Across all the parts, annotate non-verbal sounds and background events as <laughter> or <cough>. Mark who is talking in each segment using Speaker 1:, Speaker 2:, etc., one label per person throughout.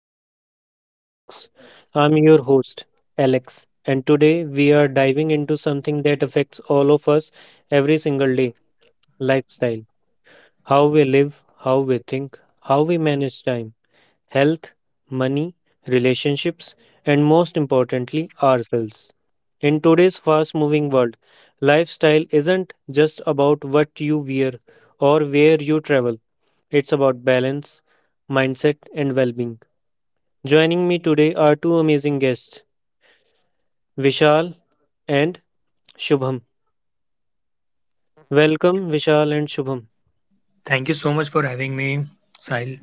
Speaker 1: back to Lifestyle Talks. I'm your host, Alex, and today we are diving into something that affects all of us every single day: lifestyle. How we live, how we think, how we manage time, health, money, relationships, and most importantly, ourselves. In today's fast moving world, lifestyle isn't just about what you wear or where you travel, it's about balance, mindset, and well being. Joining me today are two amazing guests, Vishal and Shubham. Welcome, Vishal and Shubham.
Speaker 2: Thank you so much for having me, Sahil.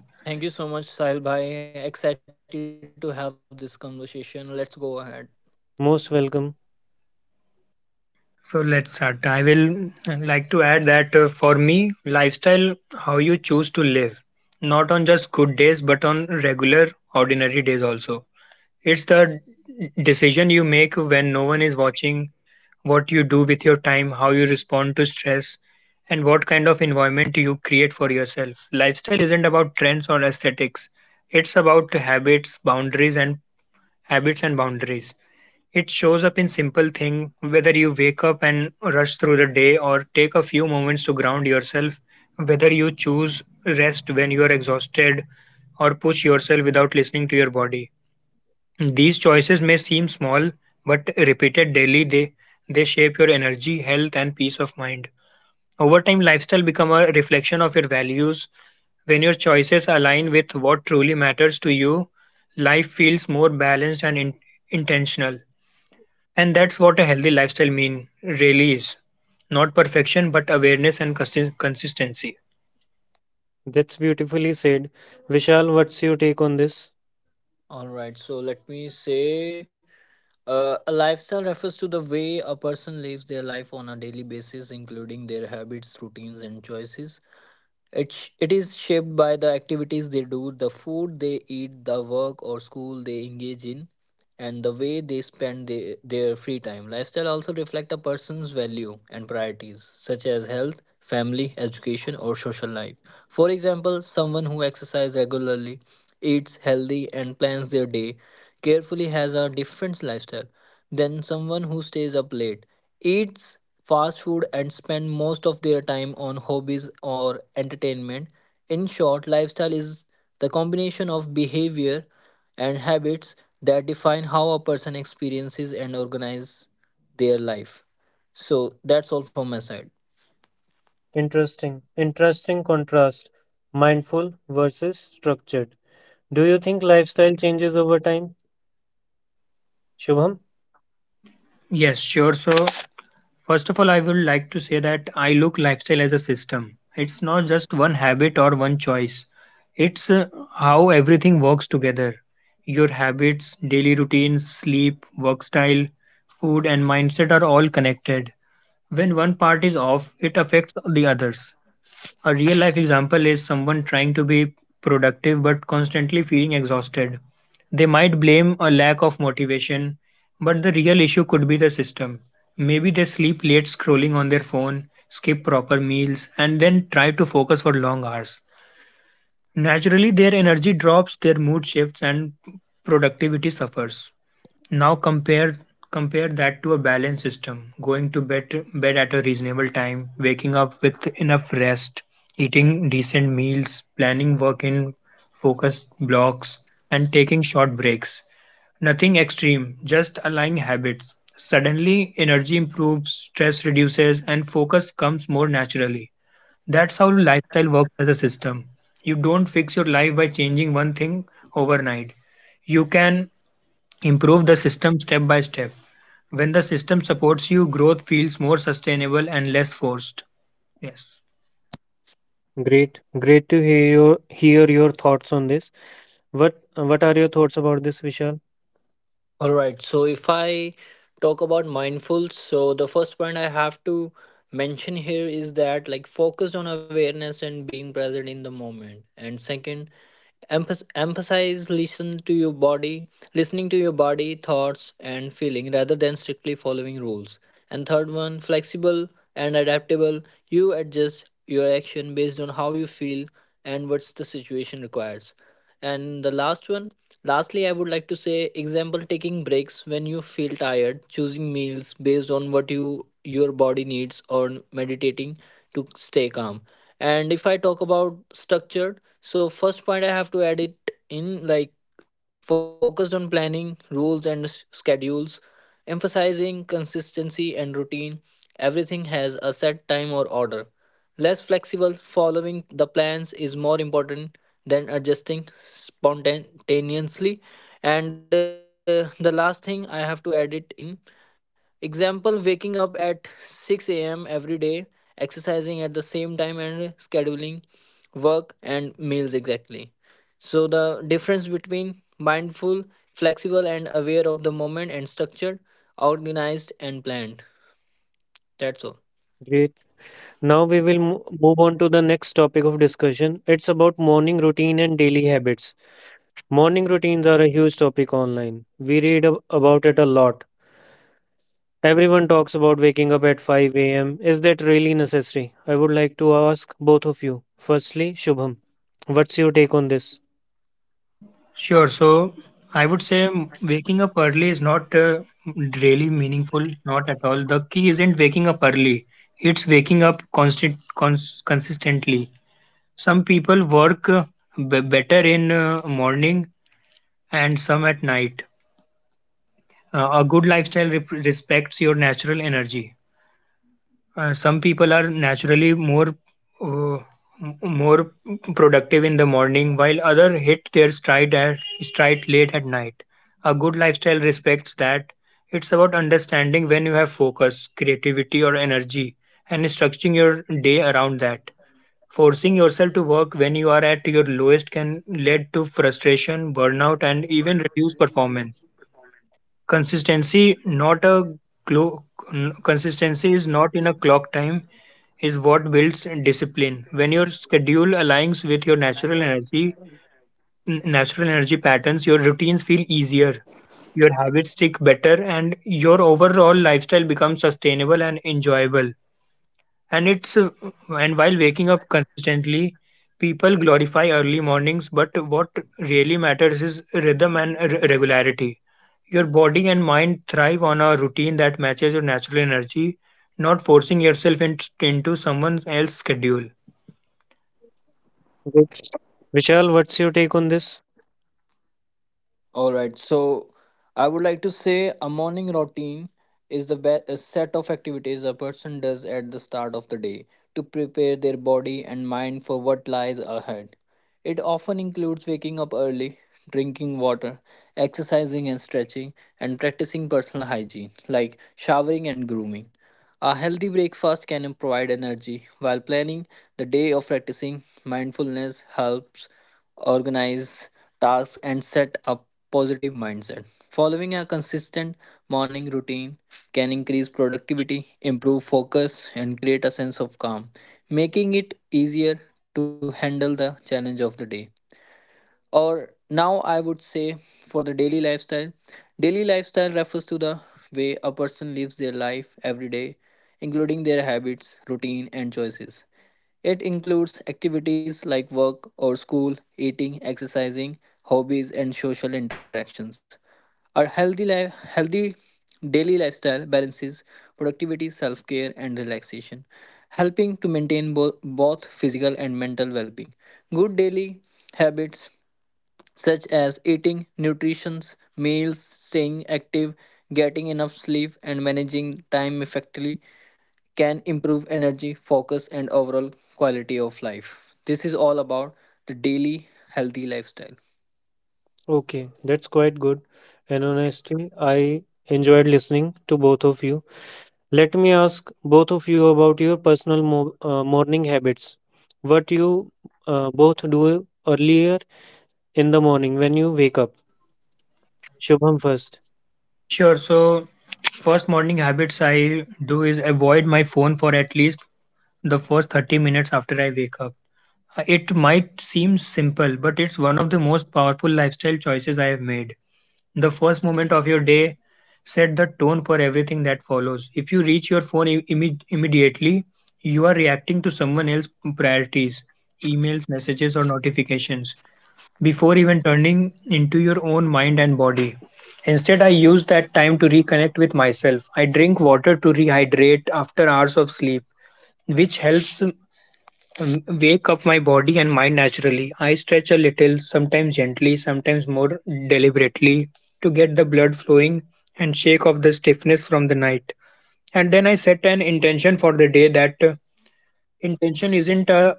Speaker 3: Thank you so much, Sahil Bhai. Excited to have this conversation. Let's go ahead.
Speaker 1: Most welcome.
Speaker 2: So let's start. I will like to add that for me, lifestyle, how you choose to live, not on just good days, but on regular, ordinary days also. It's the decision you make when no one is watching, what you do with your time, how you respond to stress, and what kind of environment you create for yourself. Lifestyle isn't about trends or aesthetics. It's about habits, boundaries, and habits and boundaries. It shows up in simple thing whether you wake up and rush through the day or take a few moments to ground yourself, whether you choose rest when you are exhausted or push yourself without listening to your body. These choices may seem small, but repeated daily they shape your energy, health and peace of mind. Over time lifestyle become a reflection of your values. When your choices align with what truly matters to you, life feels more balanced and intentional. And that's what a healthy lifestyle mean really is. Not perfection, but awareness and consistency.
Speaker 1: That's beautifully said. Vishal, what's your take on this?
Speaker 3: All right, so let me say a lifestyle refers to the way a person lives their life on a daily basis, including their habits, routines, and choices. It's it is shaped by the activities they do, the food they eat, the work or school they engage in, and the way they spend their free time. Lifestyle also reflect a person's value and priorities, such as health, family, education, or social life. For example, someone who exercises regularly, eats healthy, and plans their day carefully has a different lifestyle than someone who stays up late, eats fast food, and spend most of their time on hobbies or entertainment. In short, lifestyle is the combination of behavior and habits that define how a person experiences and organizes their life. So that's all from my side.
Speaker 1: Interesting. Interesting contrast. Mindful versus structured. Do you think lifestyle changes over time? Shubham?
Speaker 2: Yes, sure. So, first of all, I would like to say that I look lifestyle as a system. It's not just one habit or one choice. It's how everything works together. Your habits, daily routines, sleep, work style, food and mindset are all connected. When one part is off, it affects the others. A real life example is someone trying to be productive but constantly feeling exhausted. They might blame a lack of motivation, but the real issue could be the system. Maybe they sleep late scrolling on their phone, skip proper meals, and then try to focus for long hours. Naturally, their energy drops, their mood shifts, and productivity suffers. Now compare that to a balanced system, going to bed at a reasonable time, waking up with enough rest, eating decent meals, planning work in focused blocks, and taking short breaks. Nothing extreme, just aligning habits. Suddenly, energy improves, stress reduces, and focus comes more naturally. That's how lifestyle works as a system. You don't fix your life by changing one thing overnight. You can improve the system step by step. When the system supports you, growth feels more sustainable and less forced. Yes.
Speaker 1: Great. Great to hear your thoughts on this. What are your thoughts about this, Vishal?
Speaker 3: All right. So if I talk about mindful, so the first point I have to mention here is that, like, focused on awareness and being present in the moment. And second, emphasize listening to your body thoughts and feeling rather than strictly following rules. And third one, flexible and adaptable, you adjust your action based on how you feel and what's the situation requires. And the last one, lastly, I would like to say, example, taking breaks when you feel tired, choosing meals based on what you your body needs or meditating to stay calm. And if I talk about structured, so first point I have to add it in, like, focused on planning, rules, and schedules, emphasizing consistency and routine. Everything has a set time or order. Less flexible, following the plans is more important than adjusting spontaneously. And the last thing I have to add it in, example, waking up at 6 a.m. every day, exercising at the same time, and scheduling work and meals exactly. So, the difference between mindful, flexible, and aware of the moment, and structured, organized, and planned. That's all.
Speaker 1: Great. Now we will move on to the next topic of discussion. It's about morning routine and daily habits. Morning routines are a huge topic online. We read about it a lot. Everyone talks about waking up at 5 a.m. Is that really necessary? I would like to ask both of you. Firstly, Shubham, what's your take on this?
Speaker 2: Sure. So I would say waking up early is not really meaningful, not at all. The key isn't waking up early, it's waking up constant, consistently. Some people work b- better in morning and some at night. A good lifestyle respects your natural energy. Some people are naturally more uh, more productive in the morning, while other hit their stride late at night. A good lifestyle respects that. It's about understanding when you have focus, creativity, or energy, and structuring your day around that. Forcing yourself to work when you are at your lowest can lead to frustration, burnout, and even reduced performance. Consistency, not a clo- consistency is not in a clock time, is what builds discipline. When your schedule aligns with your natural energy patterns, your routines feel easier, your habits stick better, and your overall lifestyle becomes sustainable and enjoyable, and it's and while waking up consistently, people glorify early mornings, but what really matters is rhythm and regularity. Your body and mind thrive on a routine that matches your natural energy, not forcing yourself into someone else's schedule.
Speaker 1: Good. Vishal, what's your take on this?
Speaker 3: All right. So I would like to say a morning routine is a set of activities a person does at the start of the day to prepare their body and mind for what lies ahead. It often includes waking up early, drinking water, exercising and stretching, and practicing personal hygiene like showering and grooming. A healthy breakfast can provide energy, while planning the day of practicing mindfulness helps organize tasks and set a positive mindset. Following a consistent morning routine can increase productivity, improve focus, and create a sense of calm, making it easier to handle the challenge of the day. Or now I would say, for the daily lifestyle, daily lifestyle refers to the way a person lives their life every day, including their habits, routine, and choices. It includes activities like work or school, eating, exercising, hobbies, and social interactions. Our healthy life, healthy daily lifestyle balances productivity, self-care, and relaxation, helping to maintain both physical and mental well-being. Good daily habits, such as eating nutritious meals, staying active, getting enough sleep, and managing time effectively, can improve energy, focus, and overall quality of life. This is all about the daily healthy lifestyle.
Speaker 1: Okay, that's quite good. And honestly, I enjoyed listening to both of you. Let me ask both of you about your personal morning habits. What you both do earlier in the morning when you wake up. Shubham first.
Speaker 2: Sure, so first morning habits I do is avoid my phone for at least the first 30 minutes after I wake up. It might seem simple, but it's one of the most powerful lifestyle choices I have made. The first moment of your day set the tone for everything that follows. If you reach your phone immediately, you are reacting to someone else's priorities, emails, messages, or notifications before even turning into your own mind and body. Instead, I use that time to reconnect with myself. I drink water to rehydrate after hours of sleep, which helps wake up my body and mind naturally. I stretch a little, sometimes gently, sometimes more deliberately, to get the blood flowing and shake off the stiffness from the night. And then I set an intention for the day. That intention isn't a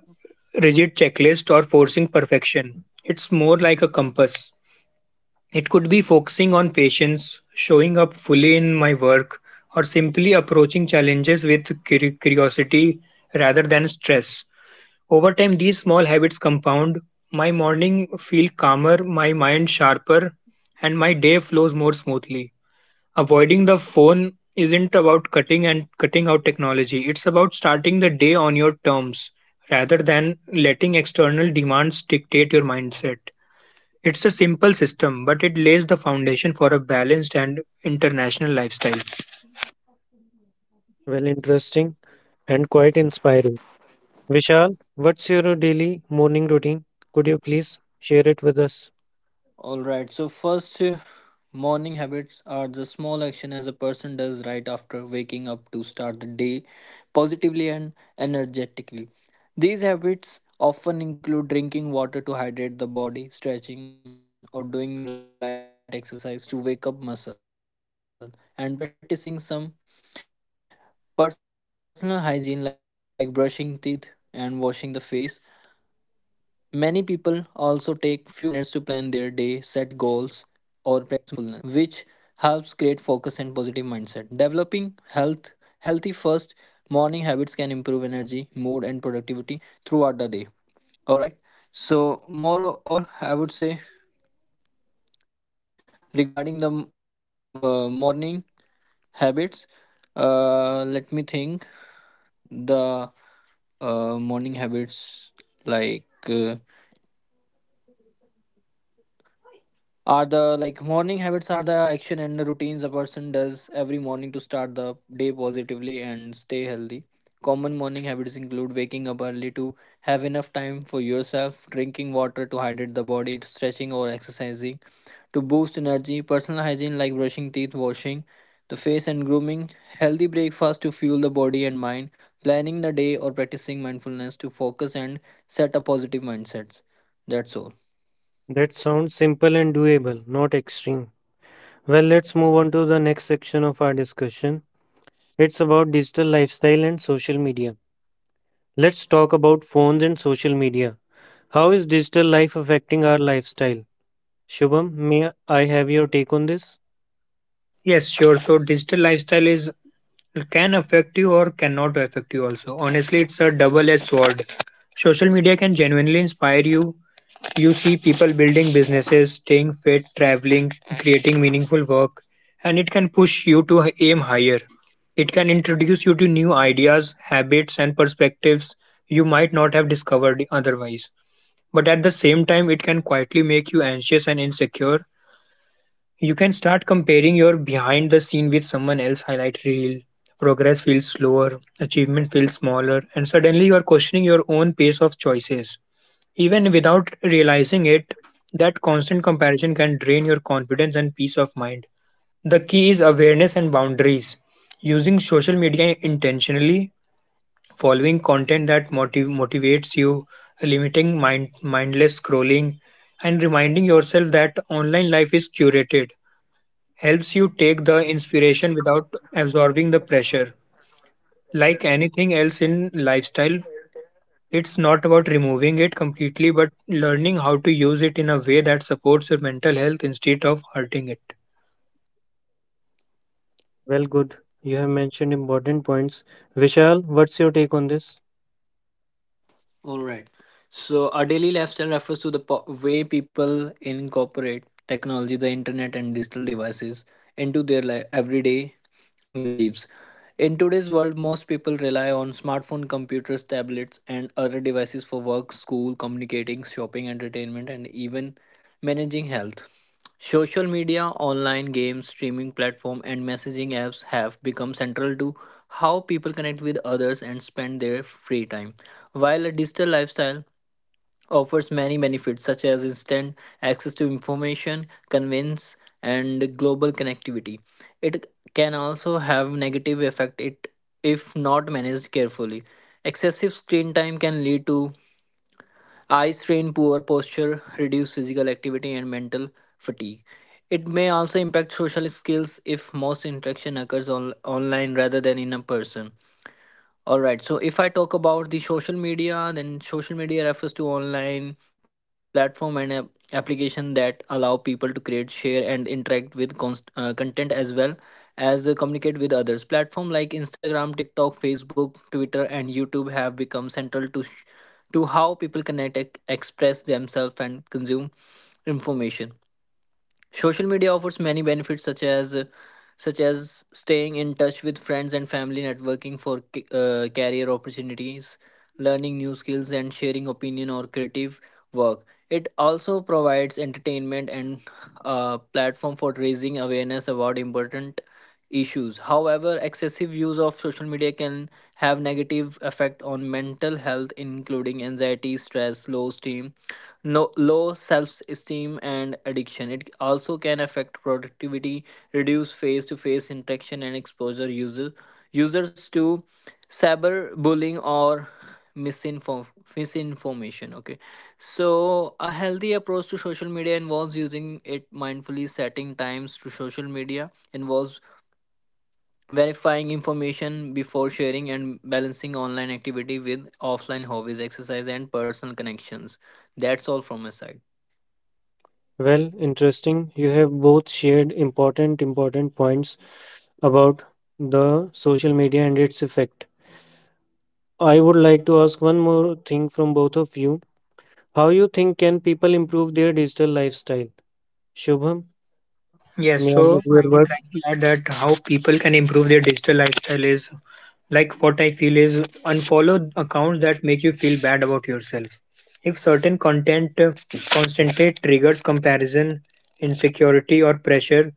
Speaker 2: rigid checklist or forcing perfection. It's more like a compass. It could be focusing on patience, showing up fully in my work, or simply approaching challenges with curiosity rather than stress. Over time, these small habits compound. My morning feel calmer, my mind sharper, and my day flows more smoothly. Avoiding the phone isn't about cutting out technology. It's about starting the day on your terms rather than letting external demands dictate your mindset. It's a simple system, but it lays the foundation for a balanced and international lifestyle.
Speaker 1: Well, interesting and quite inspiring. Vishal, what's your daily morning routine? Could you please share it with us?
Speaker 3: All right. So first, morning habits are the small action as a person does right after waking up to start the day positively and energetically. These habits often include drinking water to hydrate the body, stretching or doing light exercise to wake up muscle, and practicing some personal hygiene like brushing teeth and washing the face. Many people also take few minutes to plan their day, set goals, or practice mindfulness, which helps create focus and positive mindset. Developing healthy first morning habits can improve energy, mood, and productivity throughout the day. All right. So moreover, I would say regarding the morning habits, let me think. The morning habits like Are the like morning habits are the action and the routines a person does every morning to start the day positively and stay healthy. Common morning habits include waking up early to have enough time for yourself, drinking water to hydrate the body, stretching or exercising to boost energy, personal hygiene like brushing teeth, washing the face and grooming, healthy breakfast to fuel the body and mind, planning the day or practicing mindfulness to focus and set up positive mindsets. That's all.
Speaker 1: That sounds simple and doable, not extreme. Well, let's move on to the next section of our discussion. It's about digital lifestyle and social media. Let's talk about phones and social media. How is digital life affecting our lifestyle? Shubham, may I have your take on this?
Speaker 2: Yes, sure. So digital lifestyle is, it can affect you or cannot affect you also. Honestly, it's a double-edged sword. Social media can genuinely inspire you. You see people building businesses, staying fit, traveling, creating meaningful work, and it can push you to aim higher. It can introduce you to new ideas, habits and perspectives you might not have discovered otherwise. But at the same time, it can quietly make you anxious and insecure. You can start comparing your behind the scene with someone else highlight reel. Progress feels slower, achievement feels smaller, and suddenly you are questioning your own pace of choices. Even without realizing it, that constant comparison can drain your confidence and peace of mind. The key is awareness and boundaries. Using social media intentionally, following content that motivates you, limiting mindless scrolling, and reminding yourself that online life is curated helps you take the inspiration without absorbing the pressure. Like anything else in lifestyle, it's not about removing it completely, but learning how to use it in a way that supports your mental health instead of hurting it.
Speaker 1: Well, good. You have mentioned important points. Vishal, what's your take on this?
Speaker 3: All right. So, our daily lifestyle refers to the way people incorporate technology, the internet, and digital devices into their everyday lives. In today's world, most people rely on smartphone, computers, tablets, and other devices for work, school, communicating, shopping, entertainment, and even managing health. Social media, online games, streaming platform, and messaging apps have become central to how people connect with others and spend their free time. While a digital lifestyle offers many benefits such as instant access to information, convenience, and global connectivity, it can also have negative effect it if not managed carefully. Excessive screen time can lead to eye strain, poor posture, reduced physical activity, and mental fatigue. It may also impact social skills if most interaction occurs online rather than in a person. All right. So if I talk about the social media, then social media refers to online platform and application that allow people to create, share, and interact with content, as well as communicate with others. Platform like Instagram, TikTok, Facebook, Twitter, and YouTube have become central to how people connect, express themselves, and consume information. Social media offers many benefits such as staying in touch with friends and family, networking for career opportunities, learning new skills, and sharing opinion or creative work. It also provides entertainment and a platform for raising awareness about important issues. However, excessive use of social media can have negative effect on mental health, including anxiety, stress, low esteem no, low self-esteem, and addiction. It also can affect productivity, reduce face-to-face interaction, and exposure users to cyberbullying or misinform misinformation. Okay, so a healthy approach to social media involves using it mindfully, setting times to social media involves verifying information before sharing, and balancing online activity with offline hobbies, exercise, and personal connections. That's all from my side.
Speaker 1: Well, interesting. You have both shared important points about the social media and its effect. I would like to ask one more thing from both of you. How you think can people improve their digital lifestyle? Shubham,
Speaker 2: Yes,
Speaker 1: may I
Speaker 2: so
Speaker 1: have your
Speaker 2: I would
Speaker 1: words?
Speaker 2: like to add that how people can improve their digital lifestyle is, like what I feel is, unfollow accounts that make you feel bad about yourself. If certain content constantly triggers comparison, insecurity, or pressure,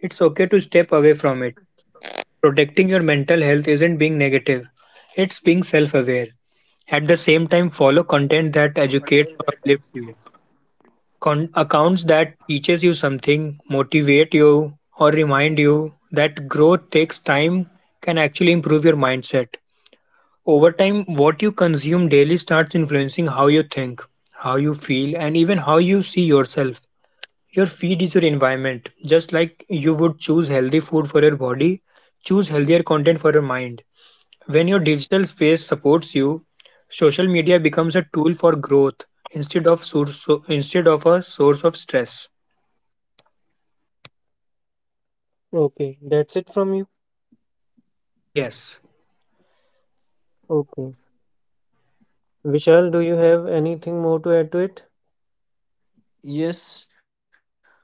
Speaker 2: it's okay to step away from it. Protecting your mental health isn't being negative, it's being self aware. At the same time, follow content that educates or uplifts you. Accounts that teaches you something, motivate you, or remind you that growth takes time can actually improve your mindset. Over time, what you consume daily starts influencing how you think, how you feel, and even how you see yourself. Your feed is your environment. Just like you would choose healthy food for your body, choose healthier content for your mind. When your digital space supports you, social media becomes a tool for growth instead of a source of stress.
Speaker 1: Okay, that's it from you.
Speaker 2: Yes.
Speaker 1: Okay. Vishal, do you have anything more to add to it?
Speaker 3: Yes,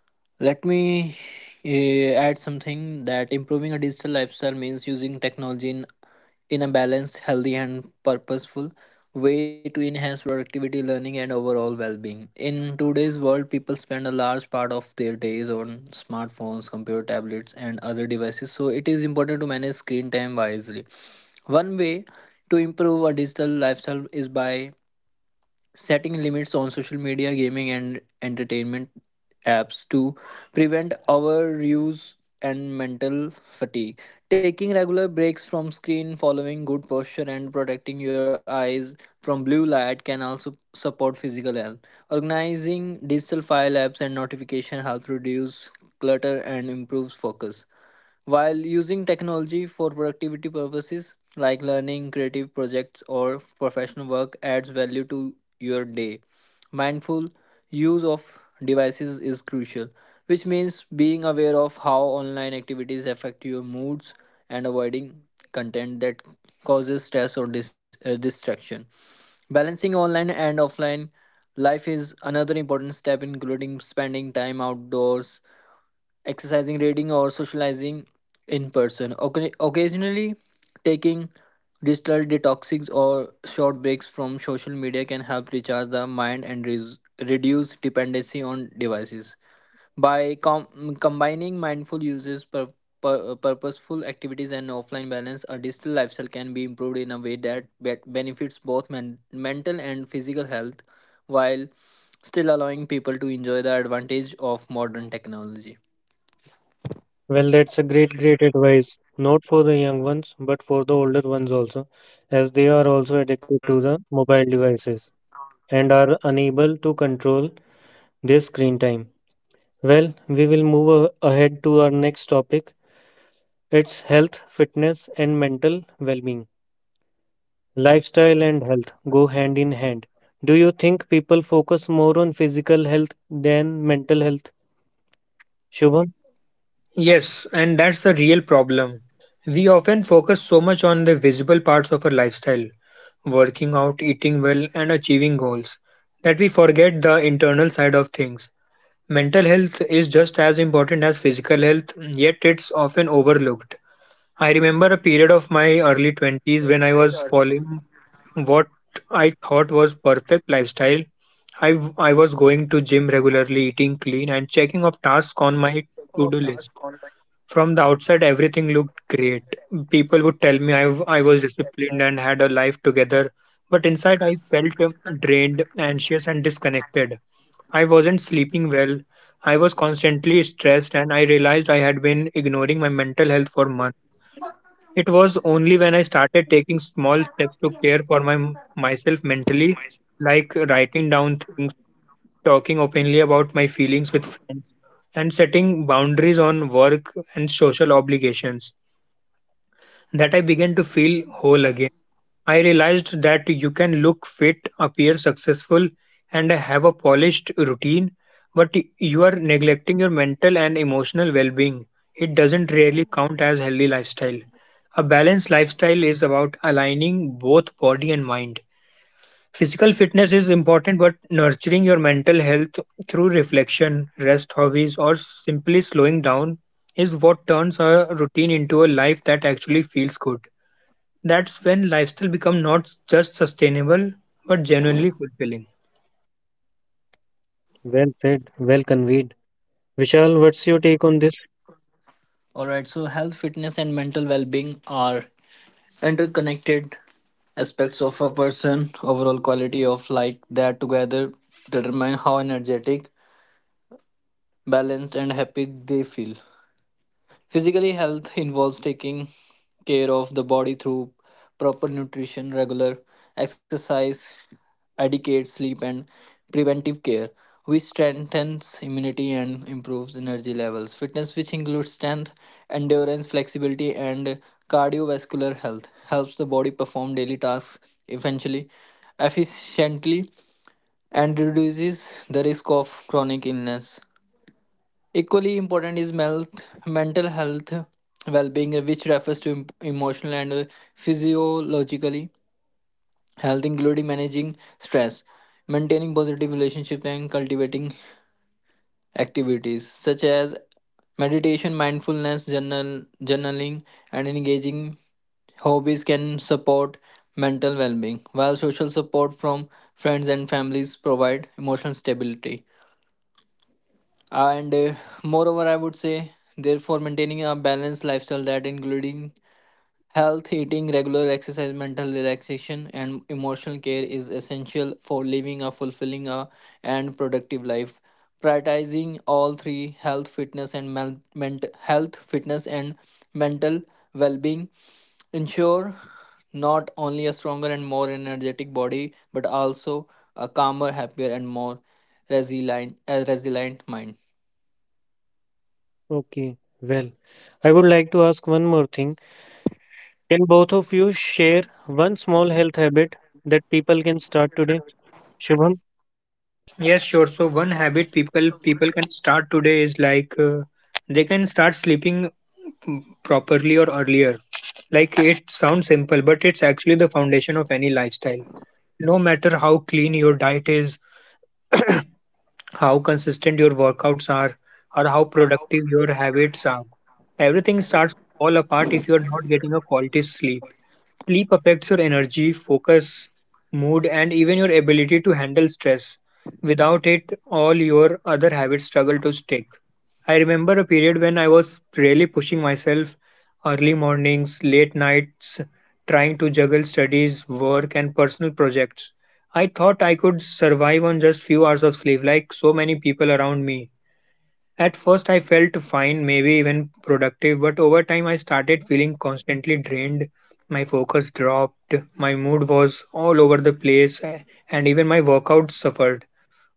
Speaker 3: let me add something that improving a digital lifestyle means using technology in a balanced, healthy, and purposeful way to enhance productivity, learning, and overall well being. In today's world, people spend a large part of their days on smartphones, computer tablets, and other devices, so it is important to manage screen time wisely. One way to improve a digital lifestyle is by setting limits on social media, gaming, and entertainment apps to prevent overuse and mental fatigue. Taking regular breaks from screen, following good posture, and protecting your eyes from blue light can also support physical health. Organizing digital file apps and notification helps reduce clutter and improves focus, while using technology for productivity purposes like learning, creative projects, or professional work adds value to your day. Mindful use of devices is crucial, which means being aware of how online activities affect your moods and avoiding content that causes stress or distraction. Balancing online and offline life is another important step, including spending time outdoors exercising, reading, or socializing in person. Occasionally, taking digital detoxes or short breaks from social media can help recharge the mind and reduce dependency on devices. By combining mindful uses, purposeful activities, and offline balance, a digital lifestyle can be improved in a way that benefits both mental and physical health while still allowing people to enjoy the advantage of modern technology.
Speaker 1: Well, that's a great advice. Not for the young ones, but for the older ones also, as they are also addicted to the mobile devices and are unable to control their screen time. Well, we will move ahead to our next topic. It's health, fitness, and mental well being. Lifestyle and health go hand in hand. Do you think people focus more on physical health than mental health? Shubham,
Speaker 2: Yes, and that's the real problem. We often focus so much on the visible parts of our lifestyle, working out, eating well, and achieving goals, that we forget the internal side of things. Mental health is just as important as physical health, yet it's often overlooked. I remember a period of my early 20s when I was following what I thought was perfect lifestyle. I was going to gym regularly, eating clean, and checking off tasks on my to-do list. From the outside, everything looked great. People would tell me I was disciplined and had a life together, but inside I felt drained, anxious, and disconnected. I wasn't sleeping well. I was constantly stressed, and I realized I had been ignoring my mental health for months. It was only when I started taking small steps to care for myself mentally, like writing down things, talking openly about my feelings with friends, and setting boundaries on work and social obligations, that I began to feel whole again. I realized that you can look fit, appear successful, and have a polished routine, but you are neglecting your mental and emotional well being. It doesn't really count as healthy lifestyle. A balanced lifestyle is about aligning both body and mind. Physical fitness is important, but nurturing your mental health through reflection, rest hobbies, or simply slowing down is what turns a routine into a life that actually feels good. That's when lifestyle becomes not just sustainable but genuinely fulfilling.
Speaker 1: well said, well conveyed. Vishal, what's your take on this?
Speaker 3: All right, so health, fitness, and mental well being are interconnected aspects of a person overall quality of life that together determine how energetic, balanced, and happy they feel. Physically, health involves taking care of the body through proper nutrition, regular exercise, adequate sleep, and preventive care, which strengthens immunity and improves energy levels. Fitness, which includes strength, endurance, flexibility, and cardiovascular health, helps the body perform daily tasks eventually, efficiently, and reduces the risk of chronic illness. Equally important is mental health well-being, which refers to emotional and physiologically health, including managing stress, maintaining positive relationships, and cultivating activities such as meditation, mindfulness, journaling, and engaging hobbies can support mental well-being, while social support from friends and families provide emotional stability. And moreover, I would say, therefore, maintaining a balanced lifestyle that including health eating, regular exercise, mental relaxation, and emotional care is essential for living a fulfilling and productive life. Prioritizing all three, health, fitness, and mental well-being, ensure not only a stronger and more energetic body but also a calmer, happier, and more resilient mind.
Speaker 1: Okay, well, I would like to ask one more thing. Can both of you share one small health habit that people can start today? Shubham?
Speaker 2: Yes, sure. So one habit people can start today is like they can start sleeping properly or earlier. Like it sounds simple, but it's actually the foundation of any lifestyle, no matter how clean your diet is, how consistent your workouts are, or how productive your habits are. Everything starts to fall apart if you are not getting a quality sleep. Sleep affects your energy, focus, mood, and even your ability to handle stress. Without it, all your other habits struggle to stick. I remember a period when I was really pushing myself: early mornings, late nights, trying to juggle studies, work, and personal projects. I thought I could survive on just few hours of sleep like so many people around me. At first I felt fine, maybe even productive, but over time I started feeling constantly drained. My focus dropped, my mood was all over the place, and even my workouts suffered.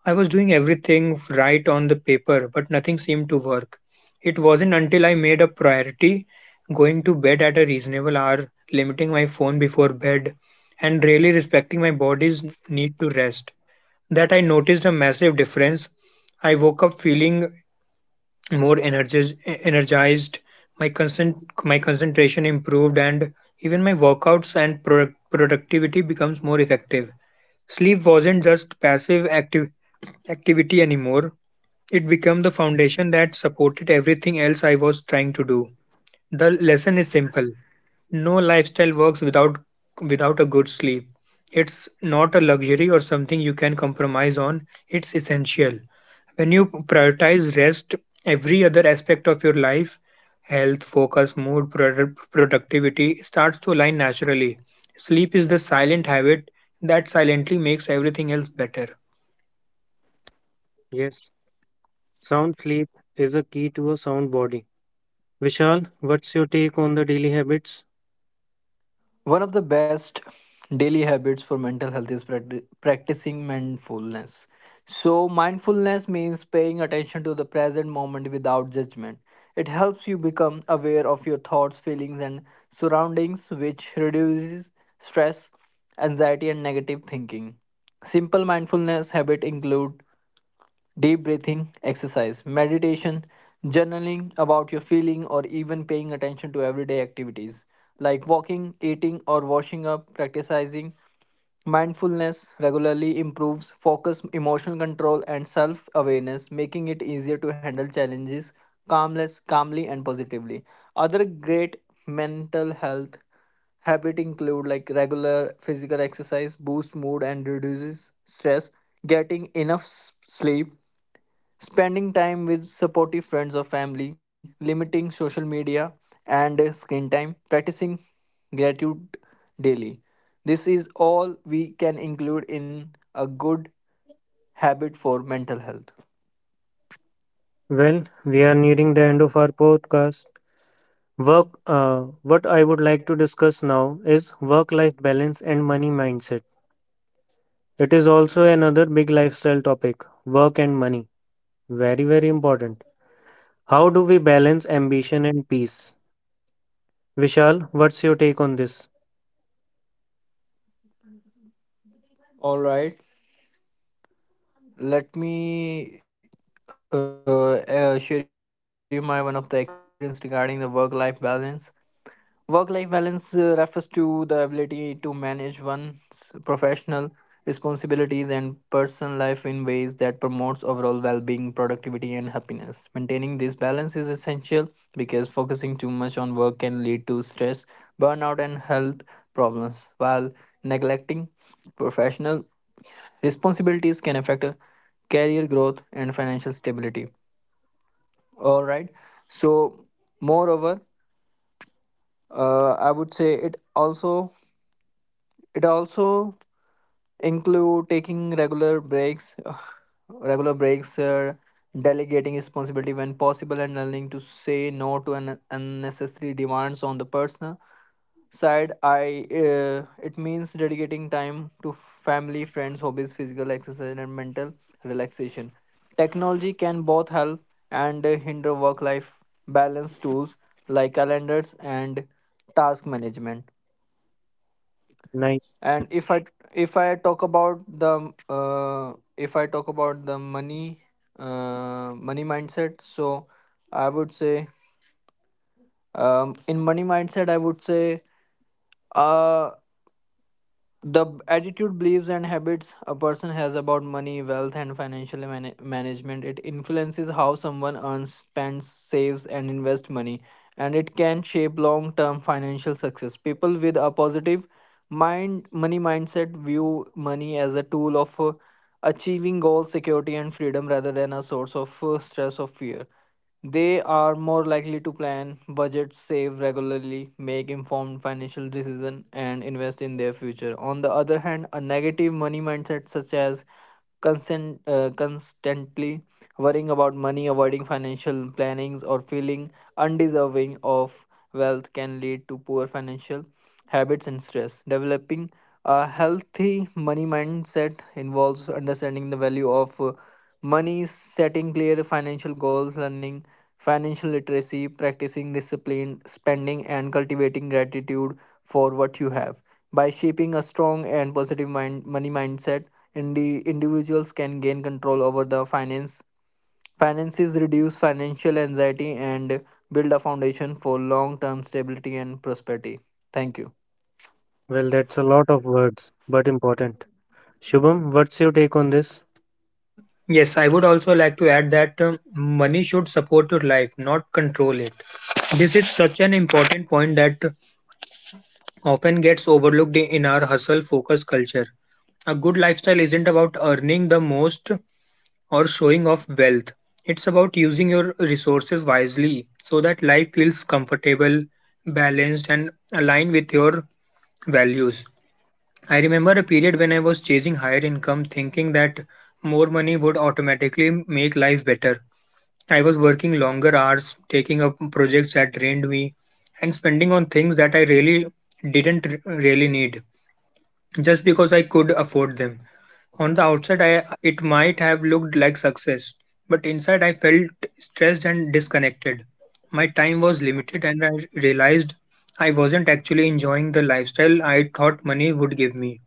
Speaker 2: I was doing everything right on the paper, but nothing seemed to work. It wasn't until I made a priority going to bed at a reasonable hour, limiting my phone before bed, and really respecting my body's need to rest that I noticed a massive difference. I woke up feeling more energized, my concent- my concentration improved, and even my workouts and productivity becomes more effective. Sleep wasn't just passive active activity anymore. It became the foundation that supported everything else I was trying to do. The lesson is simple. No lifestyle works without a good sleep. It's not a luxury or something you can compromise on. It's essential. When you prioritize rest, every other aspect of your life, health, focus, mood, productivity starts to align naturally. Sleep is the silent habit that silently makes everything else better.
Speaker 1: Yes. Sound sleep is a key to a sound body. Vishal, what's your take on the daily habits?
Speaker 3: One of the best daily habits for mental health is practicing mindfulness. So, mindfulness means paying attention to the present moment without judgment. It helps you become aware of your thoughts, feelings, and surroundings, which reduces stress, anxiety, and negative thinking. Simple mindfulness habit include deep breathing exercise, meditation, journaling about your feeling, or even paying attention to everyday activities like walking, eating, or washing up, practicing mindfulness regularly improves focus, emotional control, and self awareness, making it easier to handle challenges calmly, and positively. Other great mental health habits include like regular physical exercise boosts mood and reduces stress getting enough sleep spending time with supportive friends or family, limiting social media and screen time, practicing gratitude daily. This is all we can include in a good habit for mental health.
Speaker 1: Well, we are nearing the end of our podcast. What I would like to discuss now is work life balance and money mindset. It is also another big lifestyle topic: work and money. Very, very important. How do we balance ambition and peace? Vishal, what's your take on this?
Speaker 3: All right, let me share you my one of the experience regarding the work life balance. Work life balance refers to the ability to manage one's professional responsibilities and personal life in ways that promotes overall well-being, productivity and happiness. Maintaining this balance is essential because focusing too much on work can lead to stress, burnout and health problems, while neglecting professional responsibilities can affect a career growth and financial stability. All right, so moreover, I would say it also include taking regular breaks <sighs> regular breaks, delegating responsibility when possible and learning to say no to an unnecessary demands on the person side. I, it means dedicating time to family friends hobbies physical exercise and mental relaxation. Technology can both help and hinder work life balance tools like calendars and task management.
Speaker 1: Nice.
Speaker 3: And if I talk about the if I talk about the money, money mindset, so I would say, in money mindset I would say, uh, the attitude, beliefs, and habits a person has about money, wealth, and financial man- management. It influences how someone earns, spends, saves, and invests money, and it can shape long term financial success. People with a positive money mindset view money as a tool of achieving goals, security, and freedom rather than a source of stress or fear. They are more likely to plan, budget, save regularly, make informed financial decisions, and invest in their future. On the other hand, a negative money mindset, such as constantly worrying about money, avoiding financial plannings, or feeling undeserving of wealth, can lead to poor financial habits and stress. Developing a healthy money mindset involves understanding the value of money, setting clear financial goals, learning financial literacy, practicing disciplined spending, and cultivating gratitude for what you have. By shaping a strong and positive money mindset, individuals can gain control over the finances, reduce financial anxiety, and build a foundation for long-term stability and prosperity. Thank you.
Speaker 1: Well, that's a lot of words, but important. Shubham, what's your take on this?
Speaker 2: Yes, I would also like to add that money should support your life, not control it. This is such an important point that often gets overlooked in our hustle focus culture. A good lifestyle isn't about earning the most or showing off wealth. It's about using your resources wisely so that life feels comfortable, balanced, and aligned with your values. I remember a period when I was chasing higher income, thinking that more money would automatically make life better. I was working longer hours, taking up projects that drained me, and spending on things that I really didn't really need just because I could afford them. On the outside, it might have looked like success, but inside, I felt stressed and disconnected. My time was limited, and I realized I wasn't actually enjoying the lifestyle I thought money would give me.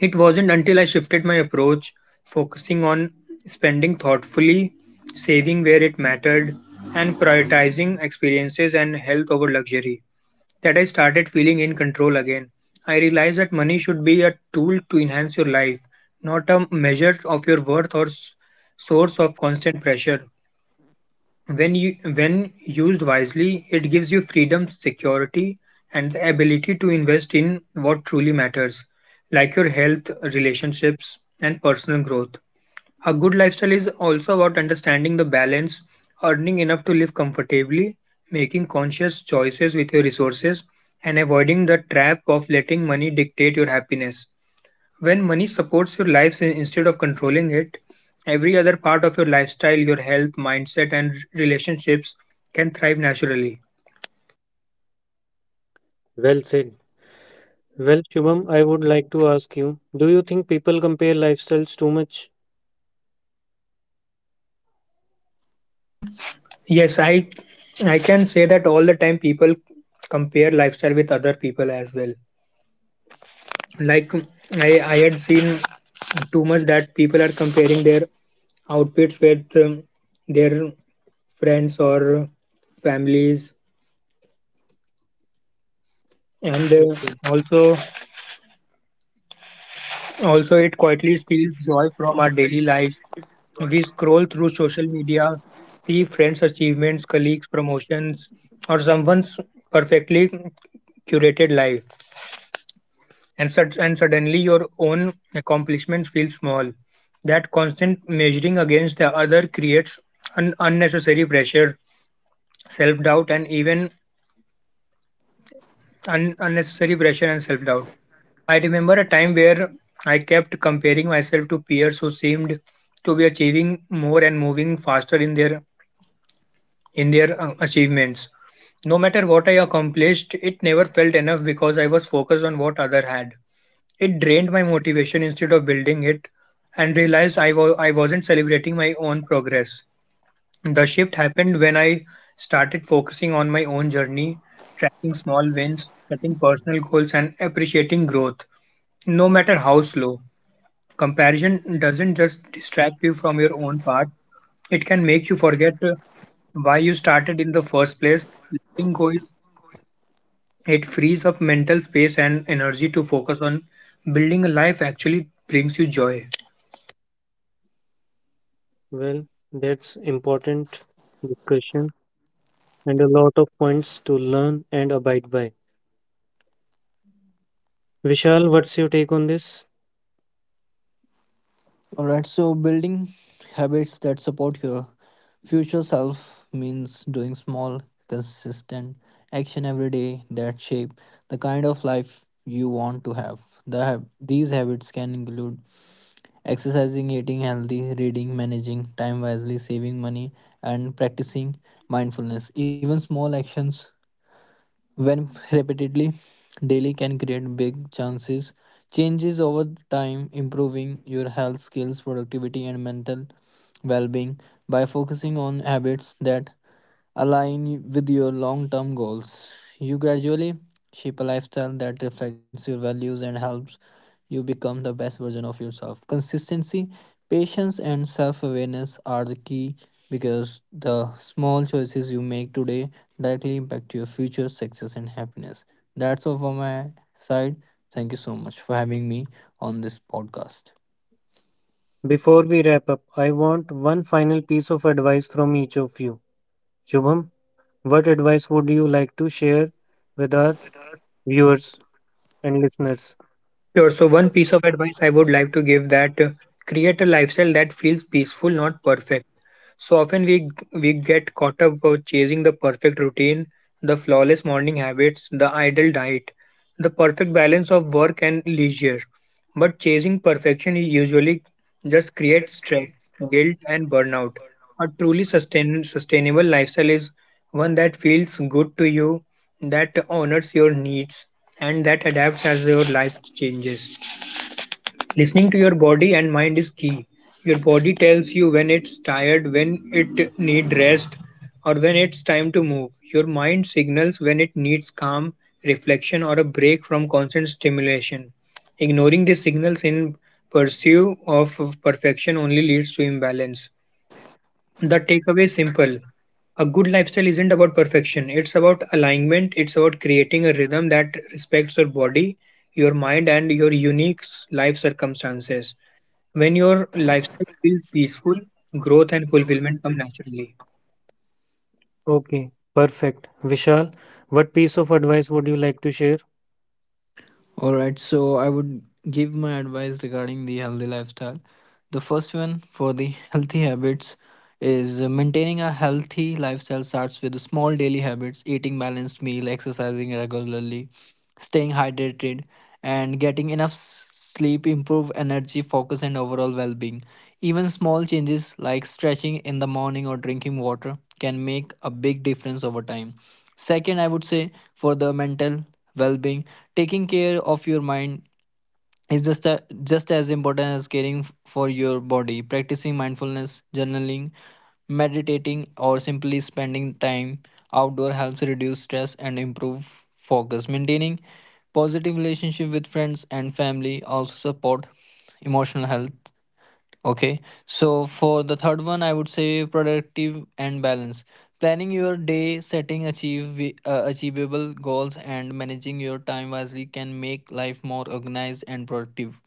Speaker 2: It wasn't until I shifted my approach, focusing on spending thoughtfully, saving where it mattered, and prioritizing experiences and health over luxury, that I started feeling in control again. I realized that money should be a tool to enhance your life, not a measure of your worth or source of constant pressure. When used wisely, it gives you freedom, security, and the ability to invest in what truly matters, like your health, relationships, and personal growth. A good lifestyle is also about understanding the balance: earning enough to live comfortably, making conscious choices with your resources, and avoiding the trap of letting money dictate your happiness. When money supports your life instead of controlling it, every other part of your lifestyle, your health, mindset, and relationships can thrive naturally.
Speaker 1: Well said. Well, Shubham, I would like to ask you, do you think people compare lifestyles too much?
Speaker 2: Yes, I can say that all the time people compare lifestyle with other people as well. Like I had seen too much that people are comparing their outfits with their friends or families, and
Speaker 1: Okay.
Speaker 2: also Also, it quietly steals joy from our daily lives. We scroll through social media, see friends' achievements, colleagues' promotions, or someone's perfectly curated life, and suddenly your own accomplishments feel small. That constant measuring against the other creates unnecessary pressure, self doubt, and even unnecessary pressure and self doubt. I remember a time where I kept comparing myself to peers who seemed to be achieving more and moving faster in their in their achievements. No matter what I accomplished, it never felt enough because I was focused on what other had. It drained my motivation instead of building it, and realized I wasn't celebrating my own progress. The shift happened when I started focusing on my own journey, tracking small wins, setting personal goals, and appreciating growth, no matter how slow. Comparison doesn't just distract you from your own path; it can make you forget why you started in the first place. Letting go, it frees up mental space and energy to focus on building a life actually brings you joy.
Speaker 1: Well, that's important discussion and a lot of points to learn and abide by. Vishal, what's your take on this?
Speaker 3: All right, so building habits that support your future self means doing small, consistent action every day that shape the kind of life you want to have. These habits can include exercising, eating healthy, reading, managing time wisely, saving money, and practicing mindfulness. Even small actions, when repeatedly daily, can create big chances. Changes over time, improving your health, skills, productivity, and mental well being by focusing on habits that align with your long term goals. You gradually shape a lifestyle that reflects your values and helps you become the best version of yourself. Consistency, patience, and self awareness are the key because the small choices you make today directly impact your future success and happiness. That's all from my side. Thank you so much for having me on this podcast.
Speaker 1: Before we wrap up, I want one final piece of advice from each of you. Shubham, what advice would you like to share with our viewers and listeners?
Speaker 2: Sure, so one piece of advice I would like to give that create a lifestyle that feels peaceful, not perfect. So often we get caught up with chasing the perfect routine, the flawless morning habits, the ideal diet, the perfect balance of work and leisure. But chasing perfection usually just creates stress, guilt, and burnout. A truly sustainable lifestyle is one that feels good to you, that honors your needs, and that adapts as your life changes. Listening to your body and mind is key. Your body tells you when it's tired, when it needs rest, or when it's time to move. Your mind signals when it needs calm, reflection, or a break from constant stimulation. Ignoring these signals in pursuit of perfection only leads to imbalance. The takeaway is simple. A good lifestyle isn't about perfection. It's about alignment. It's about creating a rhythm that respects your body, your mind, and your unique life circumstances. When your lifestyle feels peaceful, growth and fulfillment come naturally.
Speaker 1: Okay, perfect. Vishal, what piece of advice would you like to share?
Speaker 3: All right, so I would give my advice regarding the healthy lifestyle. The first one for the <laughs> healthy habits is, maintaining a healthy lifestyle starts with small daily habits, eating balanced meal, exercising regularly, staying hydrated, and getting enough sleep improve energy, focus, and overall well-being. Even small changes like stretching in the morning or drinking water can make a big difference over time. Second, I would say for the mental well-being taking care of your mind is just as important as caring for your body practicing mindfulness journaling meditating or simply spending time outdoor helps reduce stress and improve focus maintaining positive relationship with friends and family also support emotional health. Okay, so for the third one, I would say productive and balance. Planning your day, setting achieve achievable goals, and managing your time wisely can make life more organized and productive.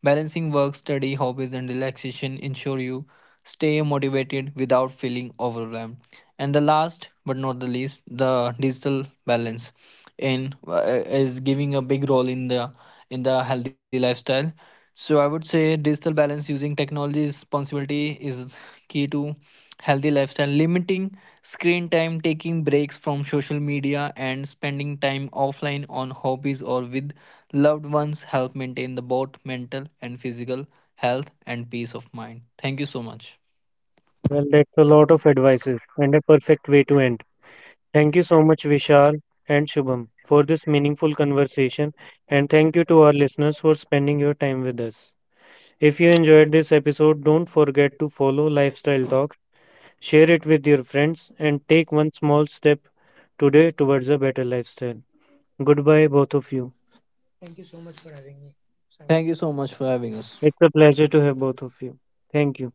Speaker 3: Balancing work, study, hobbies, and relaxation ensure you stay motivated without feeling overwhelmed. And the last but not the least, the digital balance in, is giving a big role in the healthy lifestyle, so I would say digital balance using technology responsibility is key to healthy lifestyle. Limiting screen time, taking breaks from social media, and spending time offline on hobbies or with loved ones help maintain the both mental and physical health and peace of mind. Thank you so much.
Speaker 1: Well, that's a lot of advices and a perfect way to end. Thank you so much, Vishal and Shubham, for this meaningful conversation. And thank you to our listeners for spending your time with us. If you enjoyed this episode, don't forget to follow Lifestyle Talk, share it with your friends, and take one small step today towards a better lifestyle. Goodbye, both of you.
Speaker 2: Thank you so much for
Speaker 3: Thank
Speaker 2: having
Speaker 3: you
Speaker 2: me,
Speaker 3: so much for
Speaker 2: Sahil.
Speaker 3: having us.
Speaker 1: It's a pleasure to have both of you. Thank you.